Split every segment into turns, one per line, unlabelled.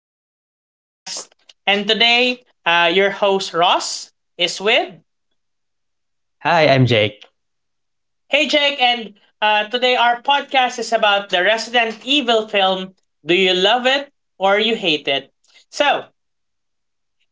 our podcast. And today, your host Ross is with.
Hi, I'm Jake.
Hey Jake. And today, our podcast is about the Resident Evil film. Do You Love It or You Hate It? So,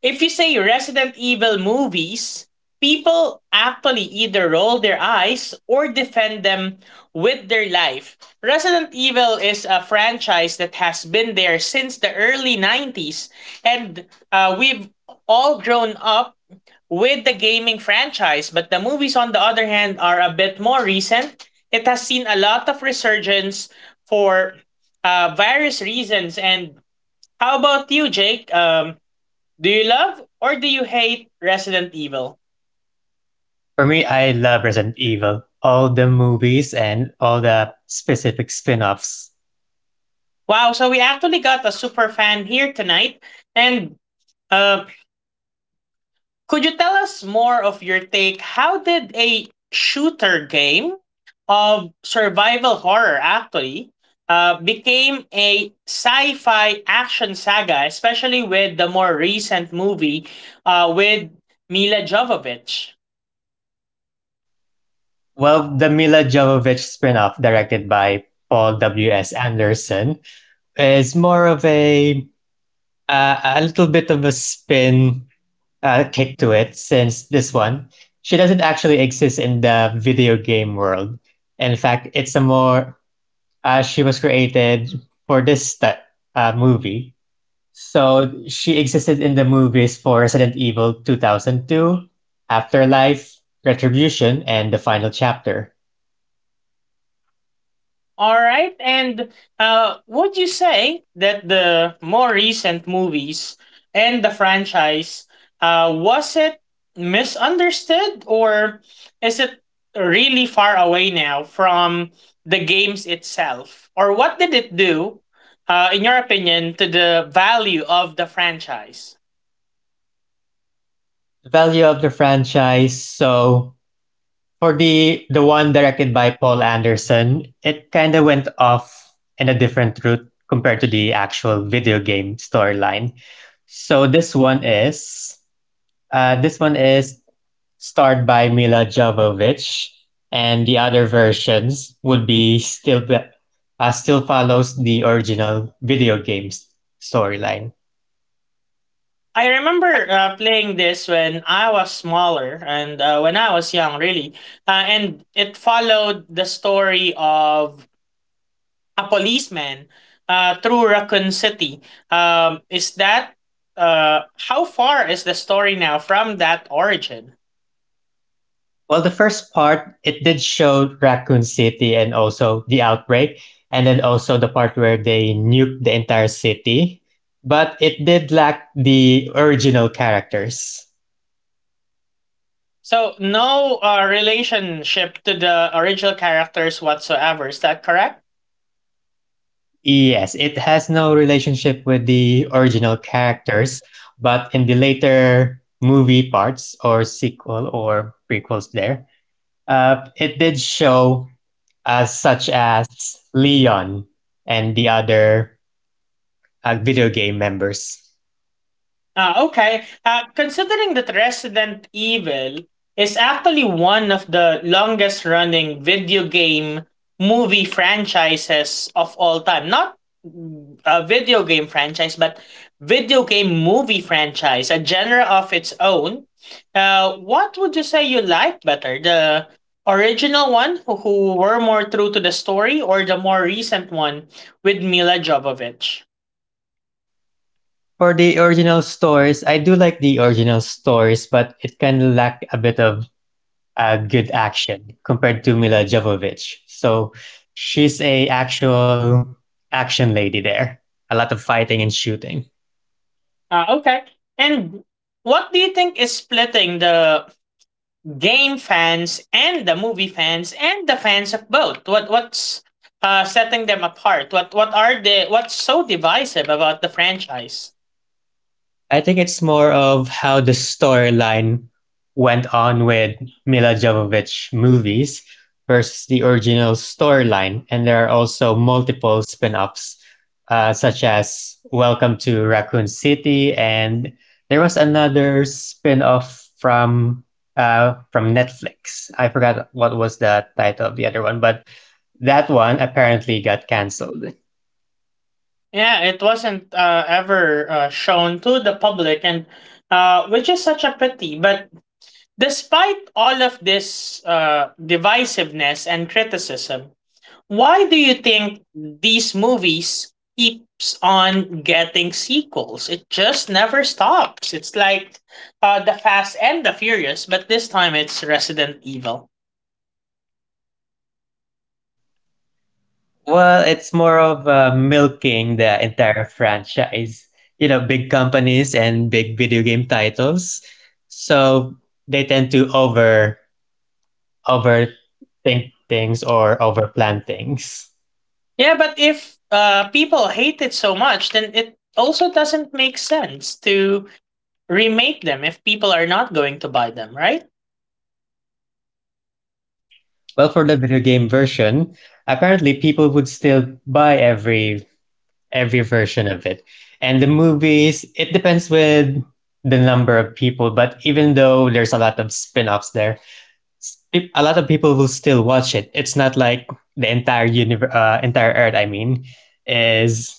If you say Resident Evil movies, people actually either roll their eyes or defend them with their life. Resident Evil is a franchise that has been there since the early 90s, and we've all grown up with the gaming franchise, but the movies, on the other hand, are a bit more recent. It has seen a lot of resurgence for various reasons. And how about you, Jake? Do you love or do you hate Resident Evil?
For me, I love Resident Evil, all the movies and all the specific spin-offs.
Wow, so we actually got a super fan here tonight. And uh, could you tell us more of your take? How did a shooter game of survival horror actually became a sci-fi action saga, especially with the more recent movie with Mila Jovovich?
Well, the Mila Jovovich spin-off directed by Paul W.S. Anderson is more of a little bit of a spin kick to it since this one she doesn't actually exist in the video game world. In fact, it's a more she was created for movie. So she existed in the movies for Resident Evil 2002, Afterlife, Retribution, and the final chapter.
All right. And would you say that the more recent movies and the franchise was it misunderstood, or is it really far away now from the games itself? Or what did it do, in your opinion, to the value of the franchise?
The value of the franchise. So for the one directed by Paul Anderson, it kind of went off in a different route compared to the actual video game storyline. So this one is uh, this one is starred by Mila Jovovich, and the other versions would be still follows the original video games storyline.
I remember playing this when I was smaller and when I was young, really. And it followed the story of a policeman through Raccoon City. Is that how far is the story now from that origin?
Well, the first part it did show Raccoon City and also the outbreak, and then also the part where they nuked the entire city. But it did lack the original characters.
So no relationship to the original characters whatsoever. Is that correct?
Yes, it has no relationship with the original characters, but in the later movie parts or sequel or prequels there, it did show such as Leon and the other video game members.
Ah, okay. Considering that Resident Evil is actually one of the longest running video game movie franchises of all time. Not a video game franchise, but video game movie franchise, a genre of its own. What would you say you like better? The original one, who were more true to the story, or the more recent one with Mila Jovovich?
For the original stories, I do like the original stories, but it can lack a bit of a good action compared to Mila Jovovich. So she's a actual action lady there. A lot of fighting and shooting.
Okay. And what do you think is splitting the game fans and the movie fans and the fans of both? What's setting them apart? What are they? What's so divisive about the franchise?
I think it's more of how the storyline went on with Mila Jovovich movies versus the original storyline, and there are also multiple spin-offs, such as Welcome to Raccoon City, and there was another spin-off from Netflix. I forgot what was the title of the other one, but that one apparently got canceled.
Yeah, it wasn't ever shown to the public, and which is such a pity. But despite all of this divisiveness and criticism, why do you think these movies keeps on getting sequels? It just never stops. It's like the Fast and the Furious, but this time it's Resident Evil.
Well, it's more of milking the entire franchise. You know, big companies and big video game titles, so they tend to overthink things or overplan things.
Yeah, but if people hate it so much, then it also doesn't make sense to remake them if people are not going to buy them, right?
Well, for the video game version, apparently people would still buy every version of it, and the movies. It depends with the number of people, but even though there's a lot of spin-offs there, a lot of people will still watch it. It's not like the entire universe, entire earth. I mean, is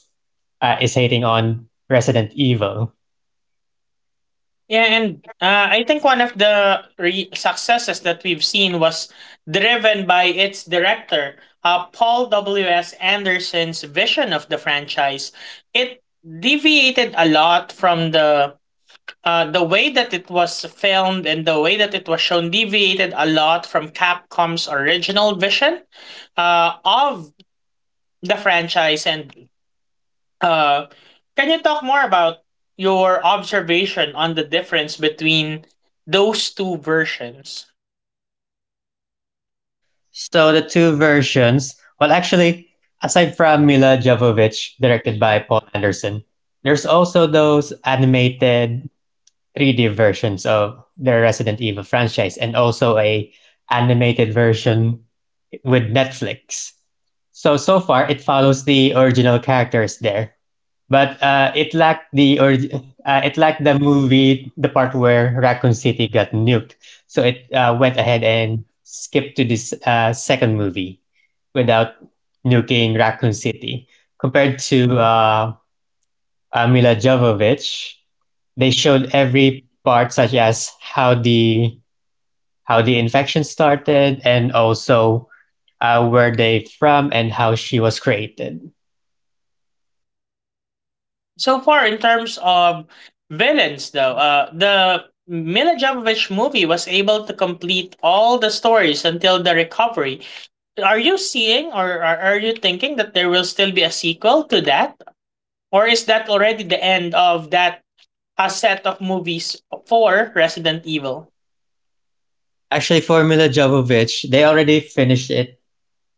is hating on Resident Evil.
Yeah, and I think one of the successes that we've seen was driven by its director, Paul W.S. Anderson's vision of the franchise. It deviated a lot from the way that it was filmed, and the way that it was shown deviated a lot from Capcom's original vision of the franchise. And Uh, can you talk more about your observation on the difference between those two versions?
So the two versions. Well, actually, aside from Mila Jovovich, directed by Paul Anderson, there's also those animated 3D versions of the Resident Evil franchise, and also a animated version with Netflix. So so far, it follows the original characters there. But it lacked the or it lacked the movie, the part where Raccoon City got nuked. So it went ahead and skipped to this second movie without nuking Raccoon City. Compared to Mila Jovovich, they showed every part, such as how the infection started, and also where they from and how she was created.
So far, in terms of villains, though, the Mila Jovovich movie was able to complete all the stories until the recovery. Are you seeing, or are you thinking that there will still be a sequel to that? Or is that already the end of that, a set of movies for Resident Evil?
Actually, for Mila Jovovich, they already finished it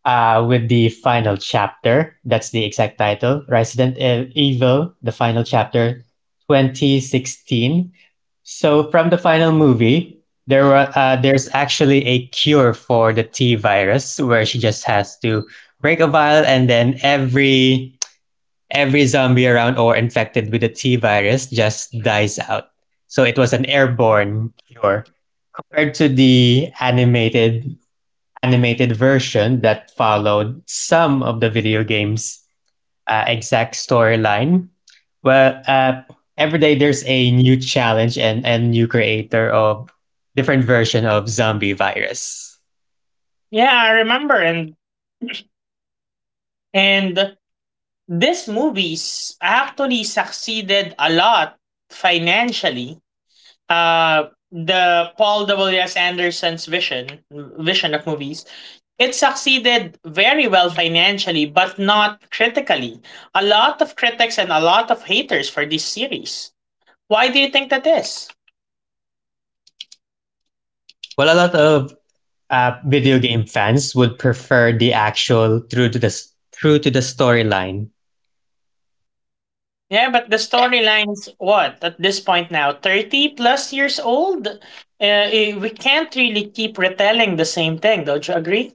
with the final chapter. That's the exact title Resident Evil, the final chapter 2016. So, from the final movie, there's actually a cure for the T virus where she just has to break a vial, and then every zombie around or infected with the T virus just dies out. So it was an airborne cure compared to the animated version that followed some of the video game's exact storyline. Well, uh, every day there's a new challenge, and new creator of different version of zombie virus.
Yeah, I remember. And these movies actually succeeded a lot financially. The Paul W. S. Anderson's vision of movies, it succeeded very well financially, but not critically. A lot of critics and a lot of haters for this series. Why do you think that is?
Well, a lot of video game fans would prefer the actual through to the storyline.
Yeah, but the storyline's what at this point now 30 plus years old. We can't really keep retelling the same thing. Don't you agree?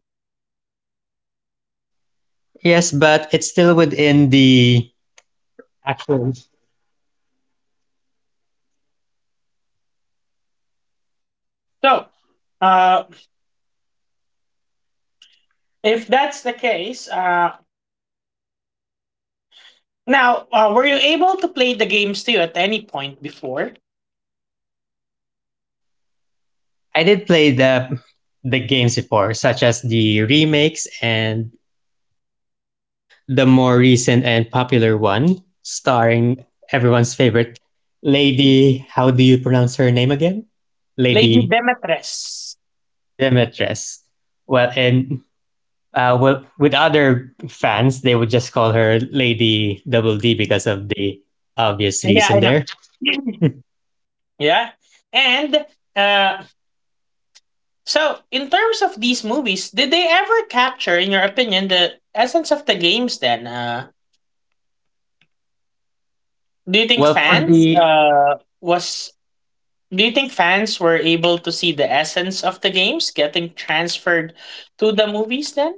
Yes, but it's still within the actual.
So, uh, If that's the case, now were you able to play the games too at any point before?
I did play the games before, such as the remakes and the more recent and popular one, starring everyone's favorite lady. How do you pronounce her name again?
Lady
Lady
Demetres?
Demetres. Well, and well, with other fans, they would just call her Lady Double D because of the obvious
Yeah,
reason
I
there.
know. Yeah. And uh, so, in terms of these movies, did they ever capture, in your opinion, the essence of the games then? Do you think
Well, for
fans
the
uh, was Do you think fans were able to see the essence of the games getting transferred to the movies then?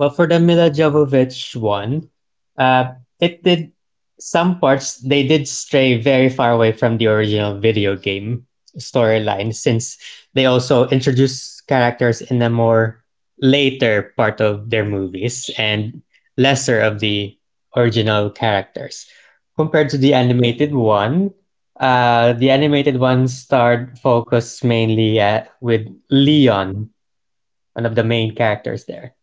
Well, for the Mila Jovovich one, uh, it did, some parts they did stray very far away from the original video game storyline, since they also introduced characters in a more later part of their movies and lesser of the original characters. Compared to the animated one starred focused mainly at, with Leon, one of the main characters there.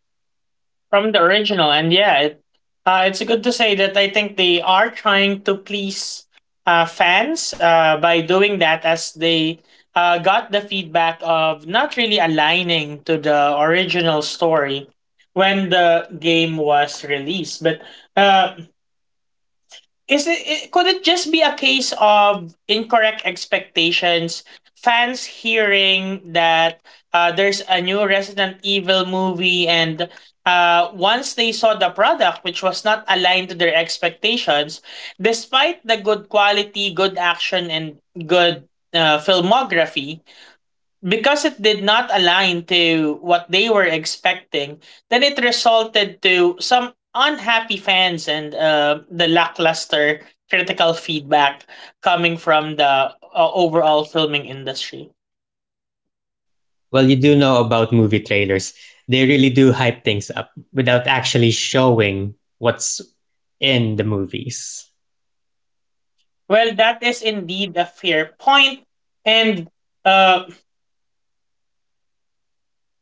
From the original. And yeah, it's good to say that I think they are trying to please fans by doing that, as they got the feedback of not really aligning to the original story when the game was released. But uh, Is it, it could it just be a case of incorrect expectations? Fans hearing that there's a new Resident Evil movie, and once they saw the product, which was not aligned to their expectations, despite the good quality, good action, and good filmography, because it did not align to what they were expecting, then it resulted to some unhappy fans and the lackluster critical feedback coming from the overall filming industry.
Well, you do know about movie trailers. They really do hype things up without actually showing what's in the movies.
Well, that is indeed a fair point, and uh,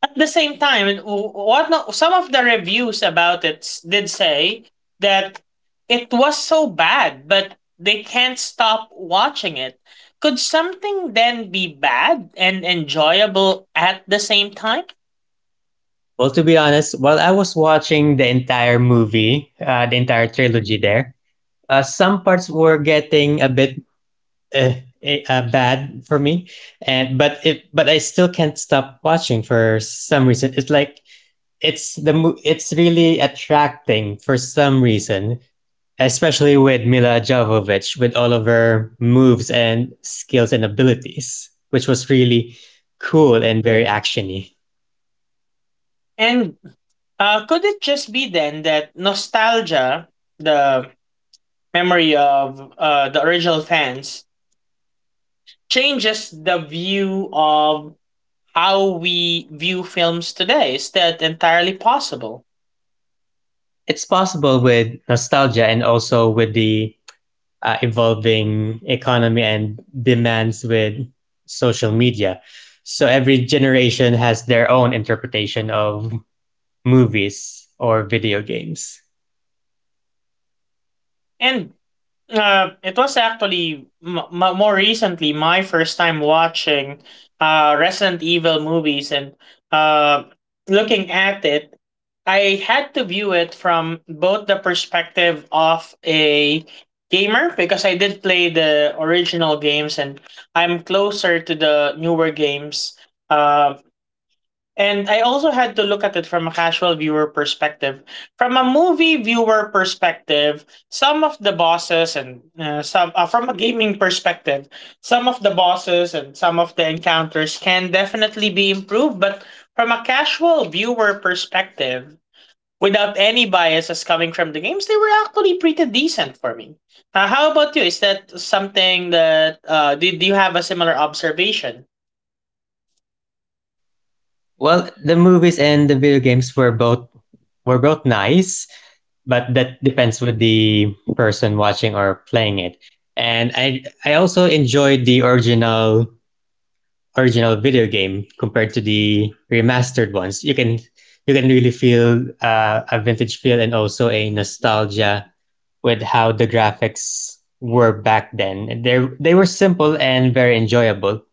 at the same time, and w- what no, some of the reviews about did say that it was so bad, but they can't stop watching it. Could something then be bad and enjoyable at the same time?
Well, to be honest, while I was watching the entire movie, the entire trilogy there, some parts were getting a bit uh, bad for me, and but it, but I still can't stop watching for some reason. It's like it's really attracting for some reason, especially with Mila Jovovich, with all of her moves and skills and abilities, which was really cool and very actiony.
And could it just be then that nostalgia, the memory of the original fans, changes the view of how we view films today? Is that entirely possible?
It's possible with nostalgia and also with the evolving economy and demands with social media. So every generation has their own interpretation of movies or video games.
And it was actually more recently my first time watching Resident Evil movies, and uh, looking at it, I had to view it from both the perspective of a gamer, because I did play the original games, and I'm closer to the newer games. Um, and I also had to look at it from a casual viewer perspective. From a movie viewer perspective, some of the bosses and some from a gaming perspective, some of the bosses and some of the encounters can definitely be improved, but from a casual viewer perspective, without any biases coming from the games, they were actually pretty decent for me. How about you? Is that something that did you have a similar observation?
Well, the movies and the video games were both nice, but that depends with the person watching or playing it. And I also enjoyed the original video game compared to the remastered ones. You can really feel a vintage feel and also a nostalgia with how the graphics were back then. They were simple and very enjoyable.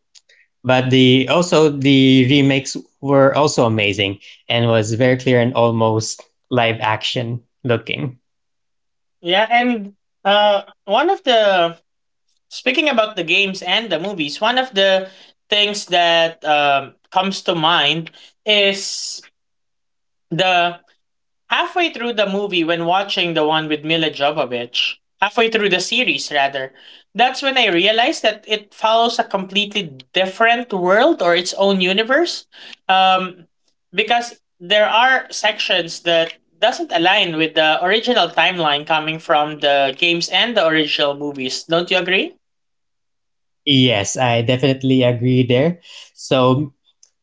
But the also the remakes were also amazing and was very clear and almost live action looking.
Yeah, and one of the speaking about the games and the movies, one of the things that comes to mind is the Halfway through the movie, when watching the one with Mila Jovovich, halfway through the series rather, that's when I realized that it follows a completely different world or its own universe, um, because there are sections that doesn't align with the original timeline coming from the games and the original movies. Don't you agree?
Yes, I definitely agree there. So,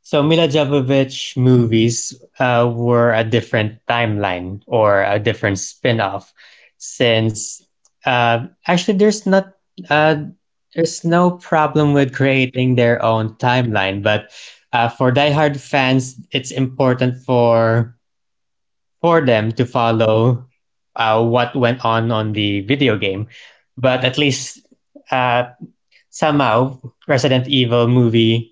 so Mila Jovovich movies were a different timeline or a different spin-off, since actually uh, there's no problem with creating their own timeline, but for diehard fans, it's important for them to follow what went on the video game. But at least uh, somehow Resident Evil movie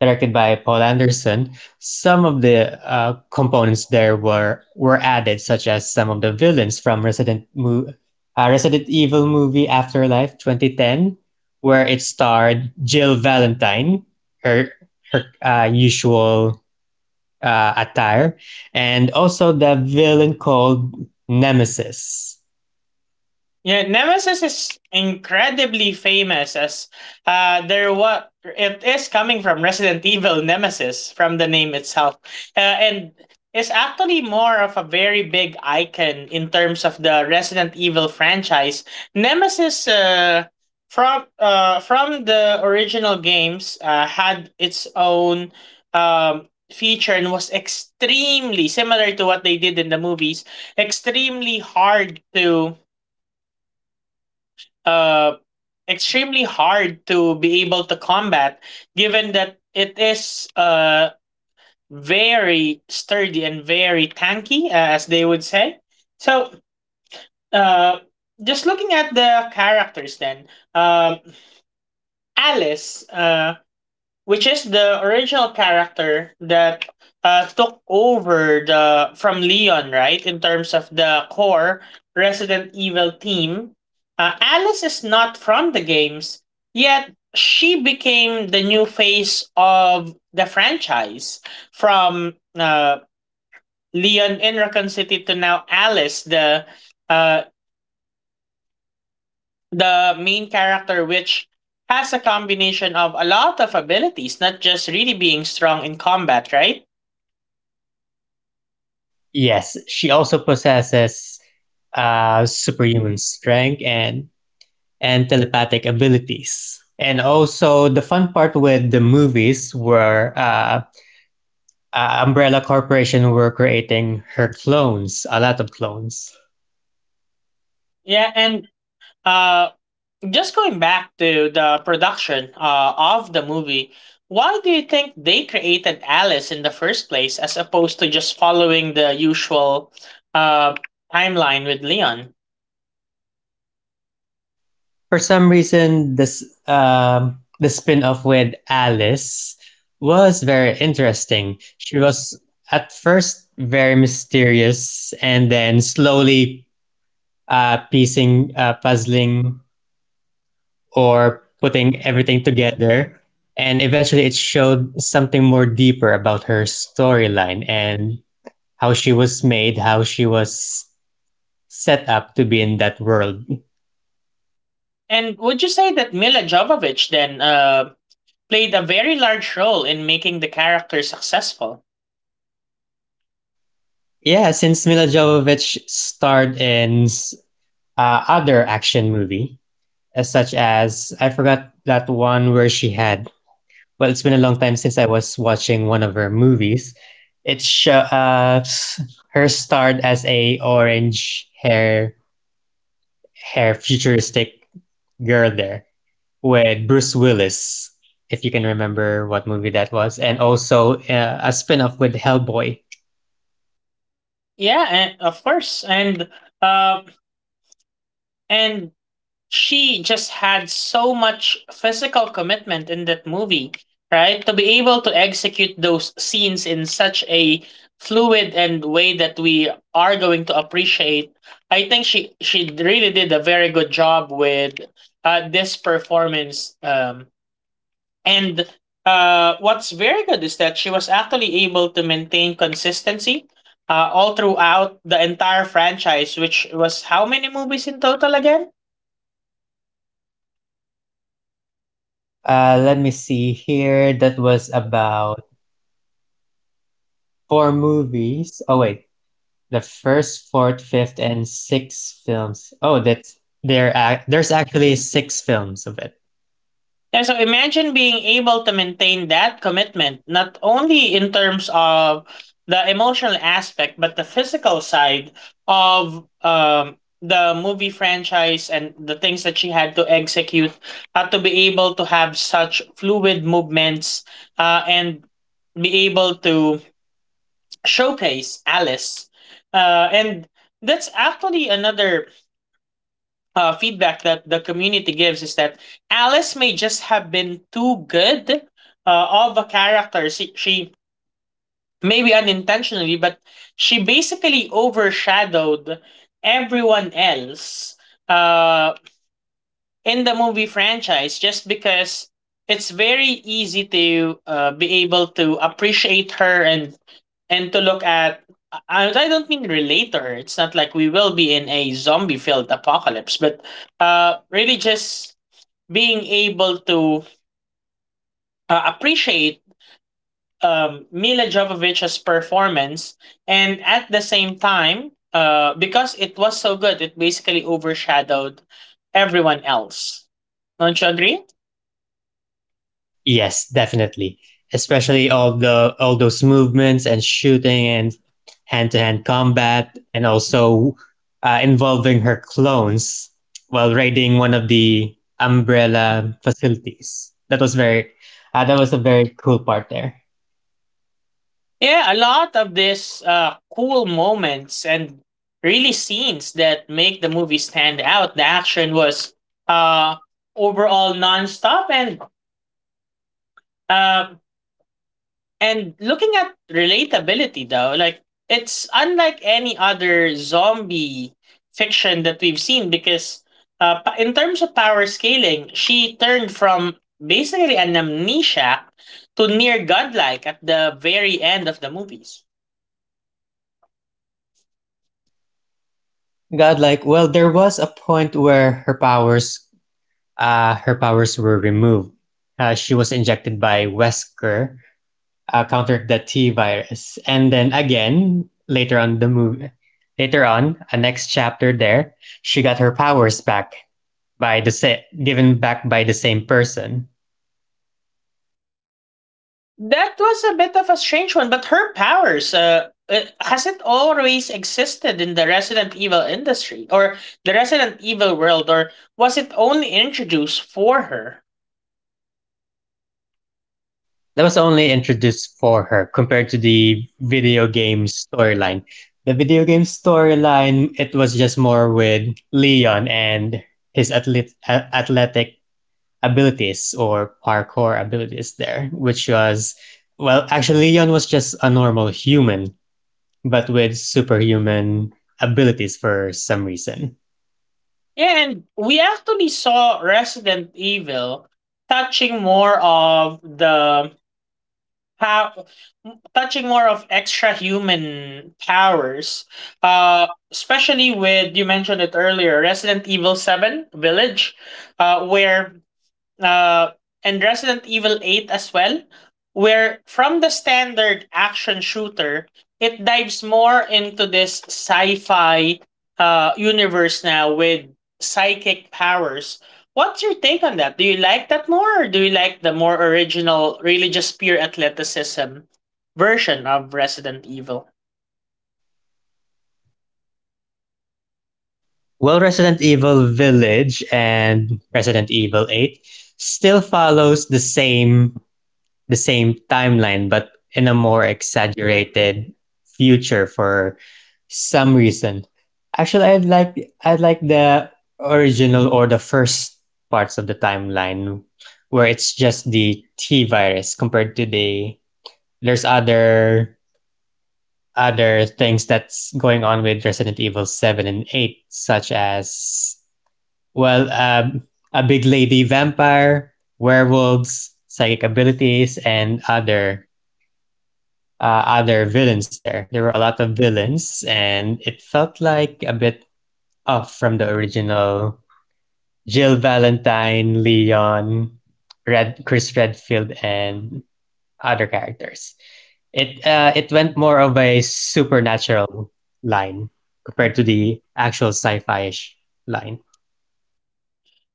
directed by Paul Anderson, some of the components there were added, such as some of the villains from Resident Evil movie Afterlife 2010, where it starred Jill Valentine, her her usual attire, and also the villain called Nemesis.
Yeah, Nemesis is incredibly famous as there what it is, coming from Resident Evil Nemesis, from the name itself. And is actually more of a very big icon in terms of the Resident Evil franchise. Nemesis from the original games had its own feature, and was extremely similar to what they did in the movies, extremely hard to um extremely hard to be able to combat, given that it is very sturdy and very tanky, as they would say. So, uh, just looking at the characters, then um Alice. Which is the original character that took over the from Leon, right? In terms of the core Resident Evil team, Alice is not from the games, yet she became the new face of the franchise, from Leon in Raccoon City to now Alice, uh, the main character, which has a combination of a lot of abilities, not just really being strong in combat, right?
Yes, she also possesses superhuman strength and telepathic abilities. And also, the fun part with the movies were Umbrella Corporation were creating her clones, a lot of clones.
Yeah, and uh, just going back to the production of the movie, why do you think they created Alice in the first place, as opposed to just following the usual uh, timeline with Leon?
For some reason, this the spin-off with Alice was very interesting. She was at first very mysterious, and then slowly puzzling or putting everything together. And eventually it showed something more deeper about her storyline and how she was made, how she was set up to be in that world.
And would you say that Mila Jovovich then played a very large role in making the character successful?
Yeah, since Mila Jovovich starred in other action movie, as such as I forgot that one where she had. Well, it's been a long time since I was watching one of her movies. It show her starred as a orange hair futuristic girl there with Bruce Willis, if you can remember what movie that was, and also a spin off with Hellboy.
Yeah, and of course, uh, and she just had so much physical commitment in that movie, right? To be able to execute those scenes in such a fluid and way that we are going to appreciate. I think she really did a very good job with this performance. And what's very good is that she was actually able to maintain consistency all throughout the entire franchise, which was how many movies in total again?
Let me see here. That was about four movies. Oh, wait. The first, fourth, fifth, and sixth films. Oh, that's there. Ac there's actually six films of it.
Yeah, so imagine being able to maintain that commitment, not only in terms of the emotional aspect, but the physical side of the movie franchise and the things that she had to execute, had to be able to have such fluid movements and be able to showcase Alice. And that's actually another feedback that the community gives is that Alice may just have been too good of a character. She maybe unintentionally, but she basically overshadowed everyone else uh, in the movie franchise just because it's very easy to be able to appreciate her and to look at I don't mean relate to her. It's not like we will be in a zombie filled apocalypse, but really just being able to appreciate Mila Jovovich's performance, and at the same time, because it was so good, it basically overshadowed everyone else. Don't you agree?
Yes, definitely. Especially all those movements and shooting and hand-to-hand combat, and also involving her clones while raiding one of the umbrella facilities. That was that was a very cool part there.
Yeah, a lot of these cool moments and really scenes that make the movie stand out. The action was uh, overall nonstop uh, And looking at relatability though, like it's unlike any other zombie fiction that we've seen because in terms of power scaling, she turned from basically an amnesiac to near godlike at the very end of the movies.
Godlike. Well, there was a point where her powers were removed. She was injected by Wesker, countered the T virus. And then again, later on, a next chapter there, she got her powers back by given back by the same person.
That was a bit of a strange one, but her powers has it always existed in the Resident Evil industry or the Resident Evil world, or was it only introduced for her?
That was only introduced for her compared to the video game storyline. The video game storyline, it was just more with Leon and his athletic abilities or parkour abilities there, which was, well, actually, Leon was just a normal human but with superhuman abilities for some reason.
Yeah, and we actually saw Resident Evil touching more of how extra human powers. Especially with you mentioned it earlier, Resident Evil 7 Village, where uh, and Resident Evil 8 as well, where from the standard action shooter, it dives more into this sci-fi universe now with psychic powers. What's your take on that? Do you like that more, or do you like the more original, really just pure athleticism version of Resident Evil?
Well, Resident Evil Village and Resident Evil 8 still follows the same timeline but in a more exaggerated future for some reason. Actually, I'd like the original or the first parts of the timeline where it's just the T virus compared to the there's other other things that's going on with Resident Evil 7 and 8, such as, well, um, a big lady vampire, werewolves, psychic abilities, and other villains there. There were a lot of villains, and it felt like a bit off from the original Jill Valentine, Leon, Chris Redfield, and other characters. It it went more of a supernatural line compared to the actual sci-fi-ish line.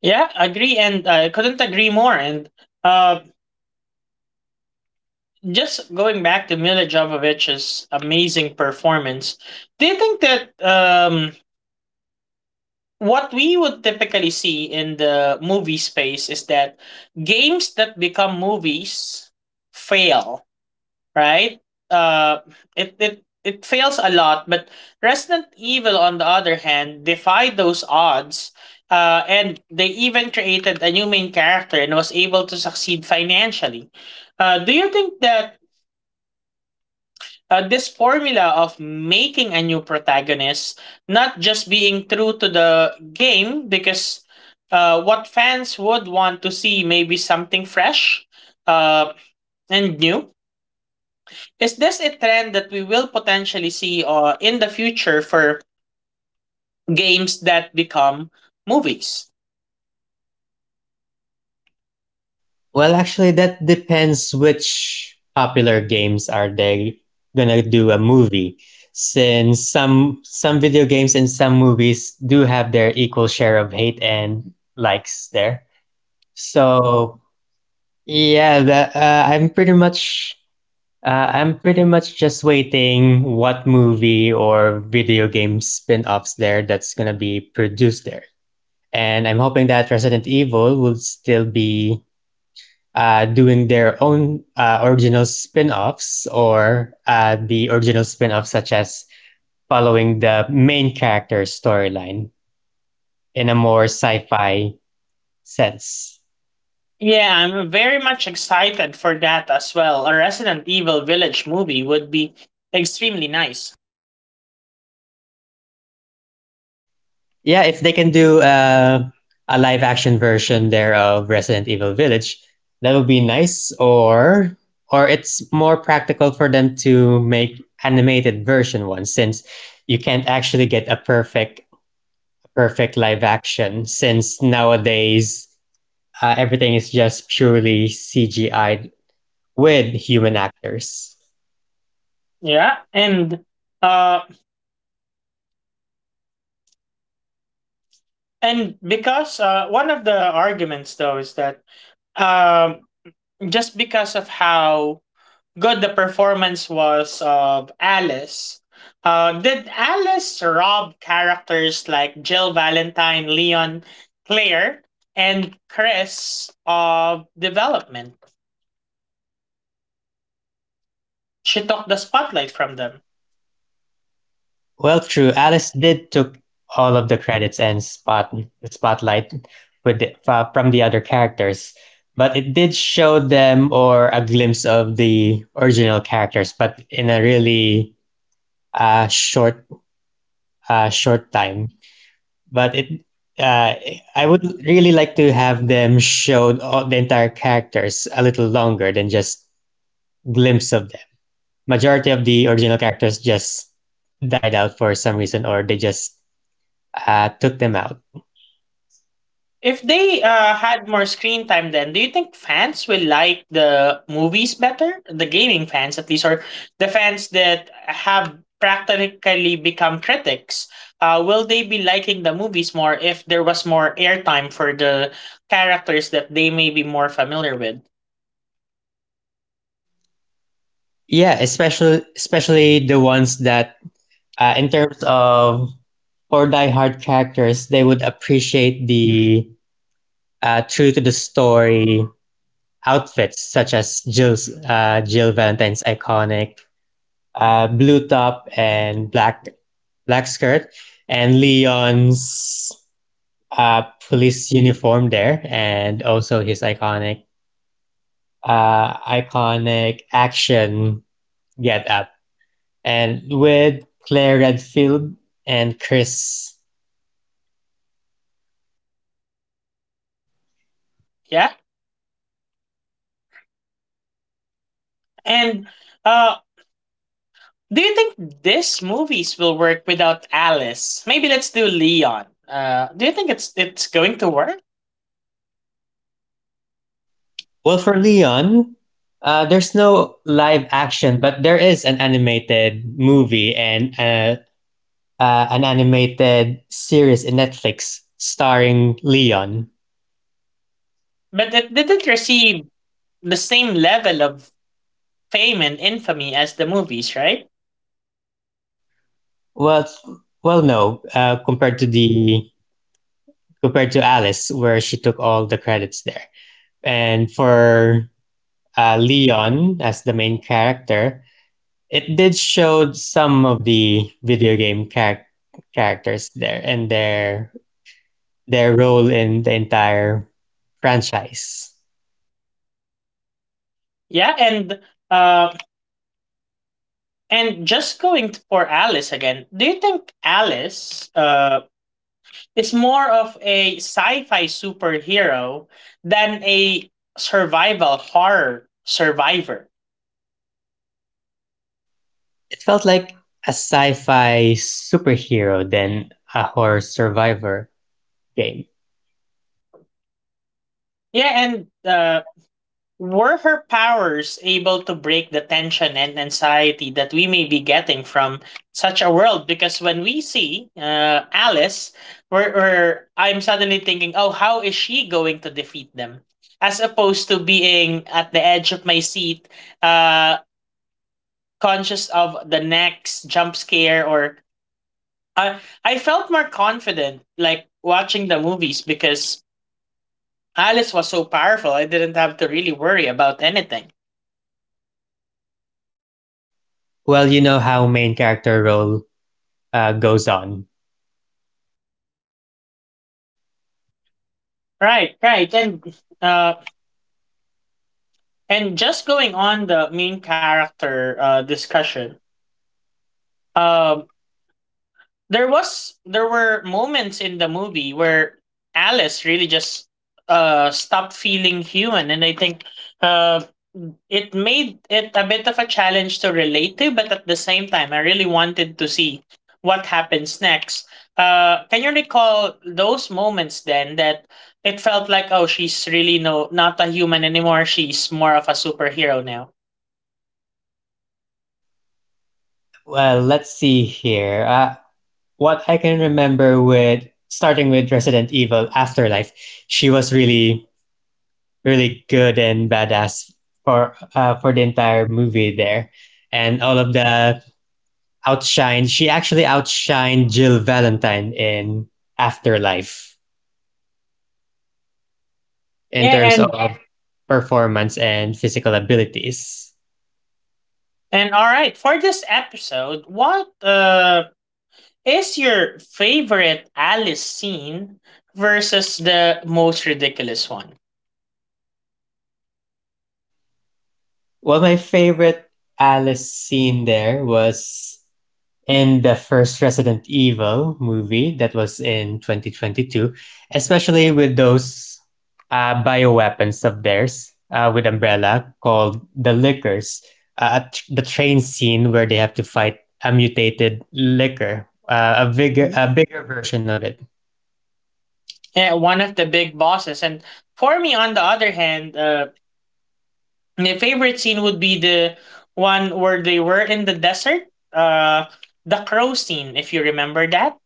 Yeah, agree, and I couldn't agree more. And uh, just going back to Mila Jovovich's amazing performance, do you think that what we would typically see in the movie space is that games that become movies fail, right? Uh, it fails a lot, but Resident Evil, on the other hand, defied those odds. And they even created a new main character and was able to succeed financially. Do you think that this formula of making a new protagonist, not just being true to the game, because what fans would want to see maybe something fresh uh, and new. Is this a trend that we will potentially see in the future for games that become movies?
Well, actually, that depends which popular games are they gonna do a movie. Since some video games and some movies do have their equal share of hate and likes there. So yeah, the, I'm pretty much just waiting what movie or video game spin-offs there that's gonna be produced there. And I'm hoping that Resident Evil will still be doing their own original spin-offs or the original spin-offs such as following the main character's storyline in a more sci-fi sense.
Yeah, I'm very much excited for that as well. A Resident Evil Village movie would be extremely nice.
Yeah, if they can do a live action version there of Resident Evil Village, that would be nice. Or it's more practical for them to make animated version one since you can't actually get a perfect live action since nowadays everything is just purely CGI with human actors.
Yeah, uh, and Because one of the arguments though is that um, just because of how good the performance was of Alice, did Alice rob characters like Jill Valentine, Leon, Claire, and Chris of development? She took the spotlight from them.
Well, true. Alice did took all of the credits and spot the spotlight with from the other characters, but it did show them or a glimpse of the original characters, but in a really uh, short short time. But it uh, I would really like to have them showed all the entire characters a little longer than just glimpse of them. Majority of the original characters just died out for some reason, or they just took them out.
If they had more screen time, then do you think fans will like the movies better? The gaming fans, at least, or the fans that have practically become critics? Will they be liking the movies more if there was more airtime for the characters that they may be more familiar with?
Yeah, especially the ones that in terms of for diehard characters, they would appreciate the true to the story outfits such as Jill Valentine's iconic blue top and black skirt, and Leon's uh, police uniform there, and also his iconic iconic action get up. And with Claire Redfield and Chris.
Yeah. And uh, do you think these movies will work without Alice? Maybe let's do Leon. Do you think it's going to work?
Well, for Leon, there's no live action, but there is an animated movie and an animated series in Netflix starring Leon.
But it didn't receive the same level of fame and infamy as the movies, right?
Well, no, compared to Alice, where she took all the credits there, and for Leon as the main character, it did show some of the video game characters there and their role in the entire franchise.
Yeah, uh, and Just going for Alice again. Do you think Alice is more of a sci-fi superhero than a survival horror survivor?
It felt like a sci-fi superhero than a horror survivor game.
Yeah, and Were her powers able to break the tension and anxiety that we may be getting from such a world? Because when we see Alice, I'm suddenly thinking, oh, how is she going to defeat them? As opposed to being at the edge of my seat, uh, conscious of the next jump scare, or I I felt more confident like watching the movies because Alice was so powerful. I didn't have to really worry about anything.
Well, you know how main character role goes on.
Right, right. Uh and just going on the main character discussion. Um there was there were moments in the movie where Alice really just stopped feeling human, and I think uh it made it a bit of a challenge to relate to, but at the same time I really wanted to see what happens next. Can you recall those moments then that it felt like, oh, she's really not a human anymore, she's more of a superhero now?
Well, let's see here. What I can remember with starting with Resident Evil Afterlife, she was really good and badass for the entire movie there, and all of the outshine. She actually outshined Jill Valentine in Afterlife in
Yeah
terms of performance and physical abilities.
and All right, for this episode, what is your favorite Alice scene versus the most ridiculous one?
Well, my favorite Alice scene there was in the first Resident Evil movie that was in 2022, especially with those bioweapons of theirs with Umbrella called the Lickers, uh, the train scene where they have to fight a mutated liquor, a bigger
Mhm.
a bigger version of it.
Yeah, one of the big bosses. And for me, on the other hand, my favorite scene would be the one where they were in the desert, uh, the crow scene, if you remember that.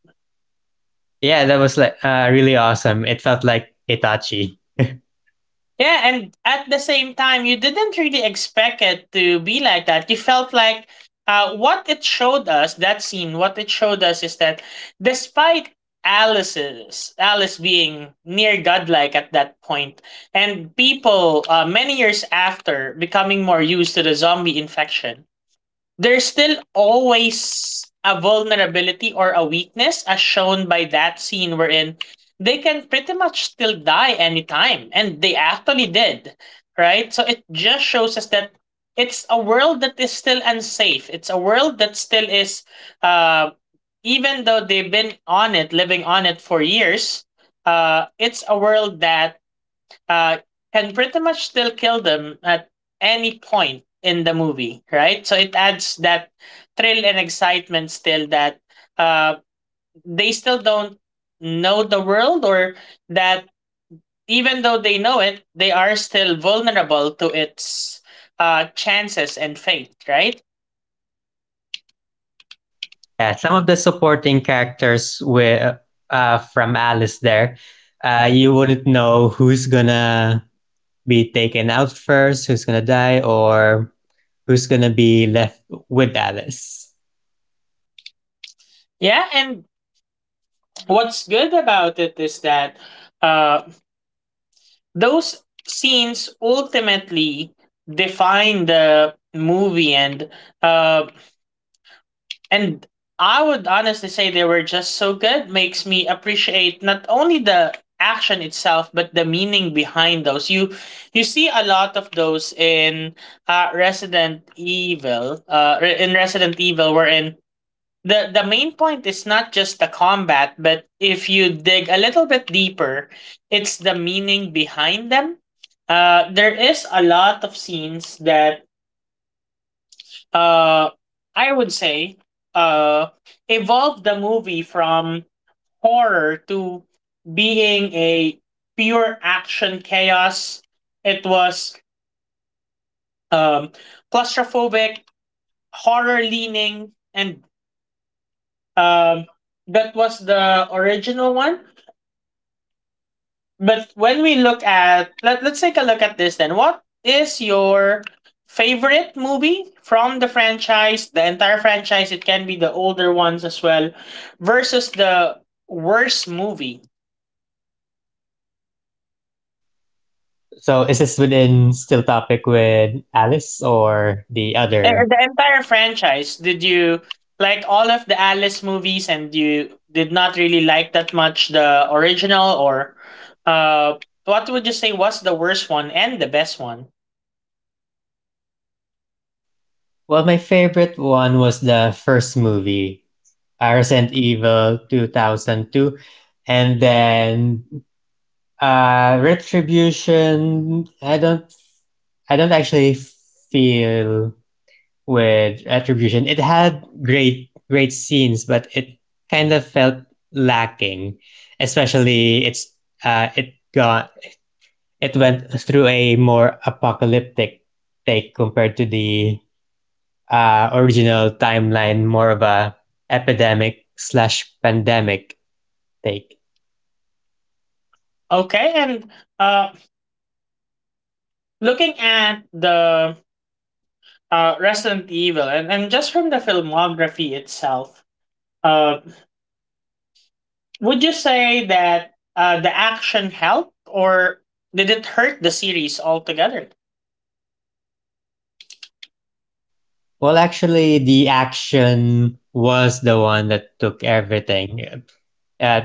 Yeah, that was like really awesome. It felt like Itachi.
Yeah, and at the same time, you didn't really expect it to be like that. You felt like what it showed us, that scene, what it showed us is that despite Alice being near godlike at that point, and people many years after becoming more used to the zombie infection, there's still always a vulnerability or a weakness, as shown by that scene wherein they can pretty much still die anytime, and they actually did, right? So it just shows us that it's a world that is still unsafe, it's a world that still is, uh, even though they've been on it, living on it for years, it's a world that uh, can pretty much still kill them at any point in the movie, right? So it adds that thrill and excitement still, that uh, they still don't know the world, or that even though they know it, they are still vulnerable to its chances and fate, right?
Yeah, some of the supporting characters were from Alice there. You wouldn't know who's gonna be taken out first, who's gonna die, or who's gonna be left with Alice.
Yeah, and what's good about it is that uh, those scenes ultimately define the movie, uh, And I would honestly say they were just so good. Makes me appreciate not only the action itself but the meaning behind those. You see a lot of those in Resident Evil. In Resident Evil, wherein the main point is not just the combat, but if you dig a little bit deeper, it's the meaning behind them. There is a lot of scenes that uh I would say uh evolved the movie from horror to being a pure action chaos. It was um claustrophobic, horror leaning, and um that was the original one. But when we look at let, let's take a look at this then. What is your favorite movie from the franchise, the entire franchise? It can be the older ones as well, versus the worst movie.
So is this within still topic with Alice or the other?
The entire franchise, did you like all of the Alice movies and you did not really like that much the original, or uh what would you say was the worst one and the best one?
Well, my favorite one was the first movie, Resident Evil 2002. And then Retribution, I don't actually feel with Retribution. It had great scenes, but it kind of felt lacking. Especially it's it got it went through a more apocalyptic take compared to the original timeline, more of a epidemic slash pandemic take.
Okay. And uh looking at the Resident Evil, and just from the filmography itself, uh, would you say that the action helped or did it hurt the series altogether?
Well, actually, the action was the one that took everything. Uh,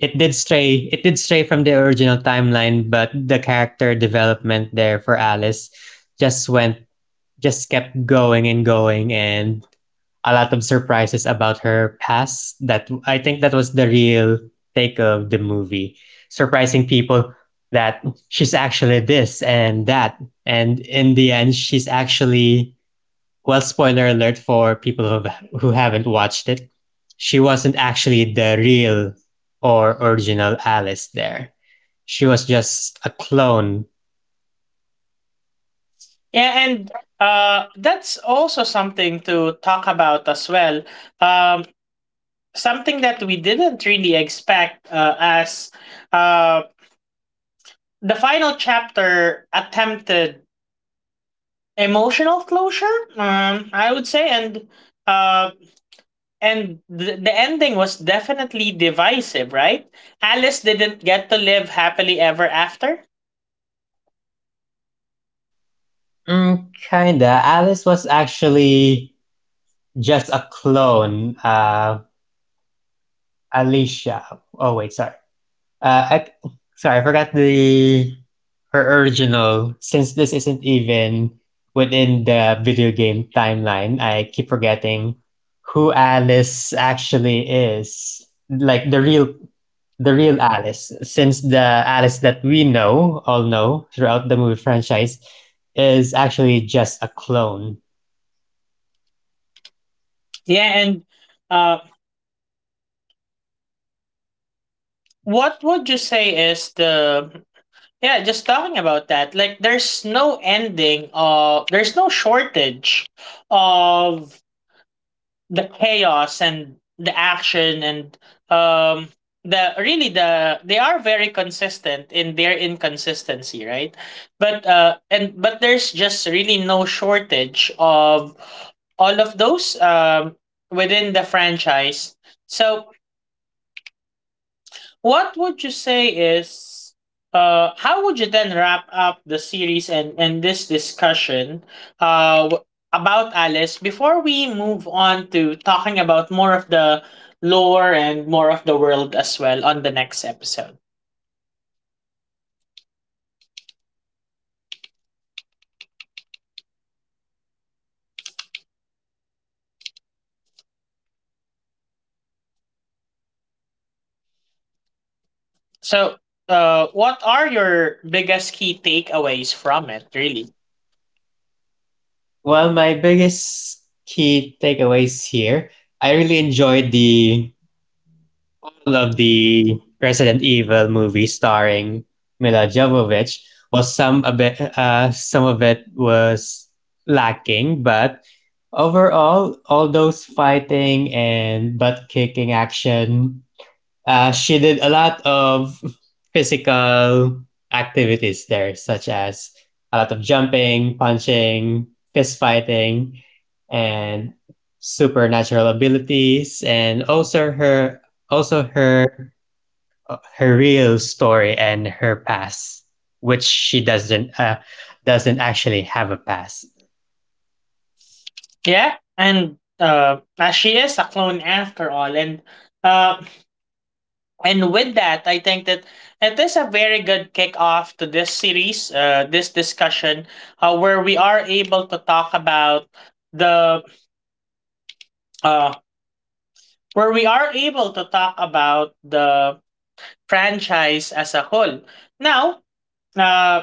it did stray from the original timeline, but the character development there for Alice just went just kept going and going, and a lot of surprises about her past that I think that was the real take of the movie, surprising people that she's actually this and that, and in the end she's actually, well, spoiler alert for people who have, who haven't watched it. She wasn't actually the real or original Alice there. She was just a clone.
Yeah, and that's also something to talk about as well. Um, Something that we didn't really expect, as uh, the final chapter attempted emotional closure, I would say, uh, and the ending was definitely divisive, right? Alice didn't get to live happily ever after.
Mm, kinda. Alice was actually just a clone. Alicia. Oh wait, sorry. Uh, I, sorry, I forgot the her original. Since this isn't even within the video game timeline, I keep forgetting who Alice actually is. Like the real Alice. Since the Alice that we know, all know throughout the movie franchise, is actually just a clone.
Yeah, and uh, what would you say is the, yeah? Just talking about that, like there's no shortage of the chaos and the action and um the really, they are very consistent in their inconsistency, right? But uh and but there's just really no shortage of all of those, within the franchise. So what would you say is, how would you then wrap up the series and this discussion, uh w- about Alice, before we move on to talking about more of the lore and more of the world as well on the next episode? So what are your biggest key takeaways from it, really?
Well, my biggest key takeaways here. I really enjoyed the of the Resident Evil movie starring Mila Jovovich. Was some a bit some of it was lacking, but overall, all those fighting and butt kicking action, she did a lot of physical activities there, such as a lot of jumping, punching, fist fighting, and supernatural abilities, and also her real story and her past, which she doesn't actually have a past.
Yeah, and as she is a clone after all. And uh And with that, I think that it is a very good kickoff to this series, this discussion, where we are able to talk about the uh, where we are able to talk about the franchise as a whole. Now, uh,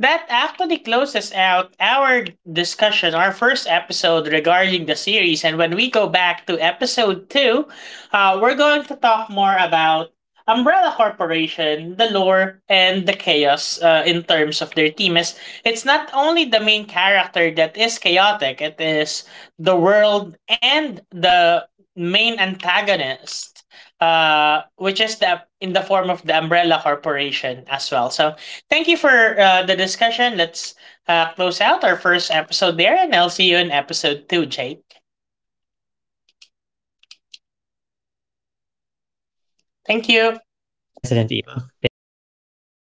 That actually closes out our discussion, our first episode regarding the series. And when we go back to episode two, we're going to talk more about Umbrella Corporation, the lore, and the chaos in terms of their team. As it's not only the main character that is chaotic, it is the world and the main antagonist, which is the in the form of the Umbrella Corporation as well. So thank you for the discussion. Let's close out our first episode there, and I'll see you in episode two, Jake.
Thank you so much for having me here. I really enjoyed this session here,
Thank you.
Resident Evil. Thank you so much.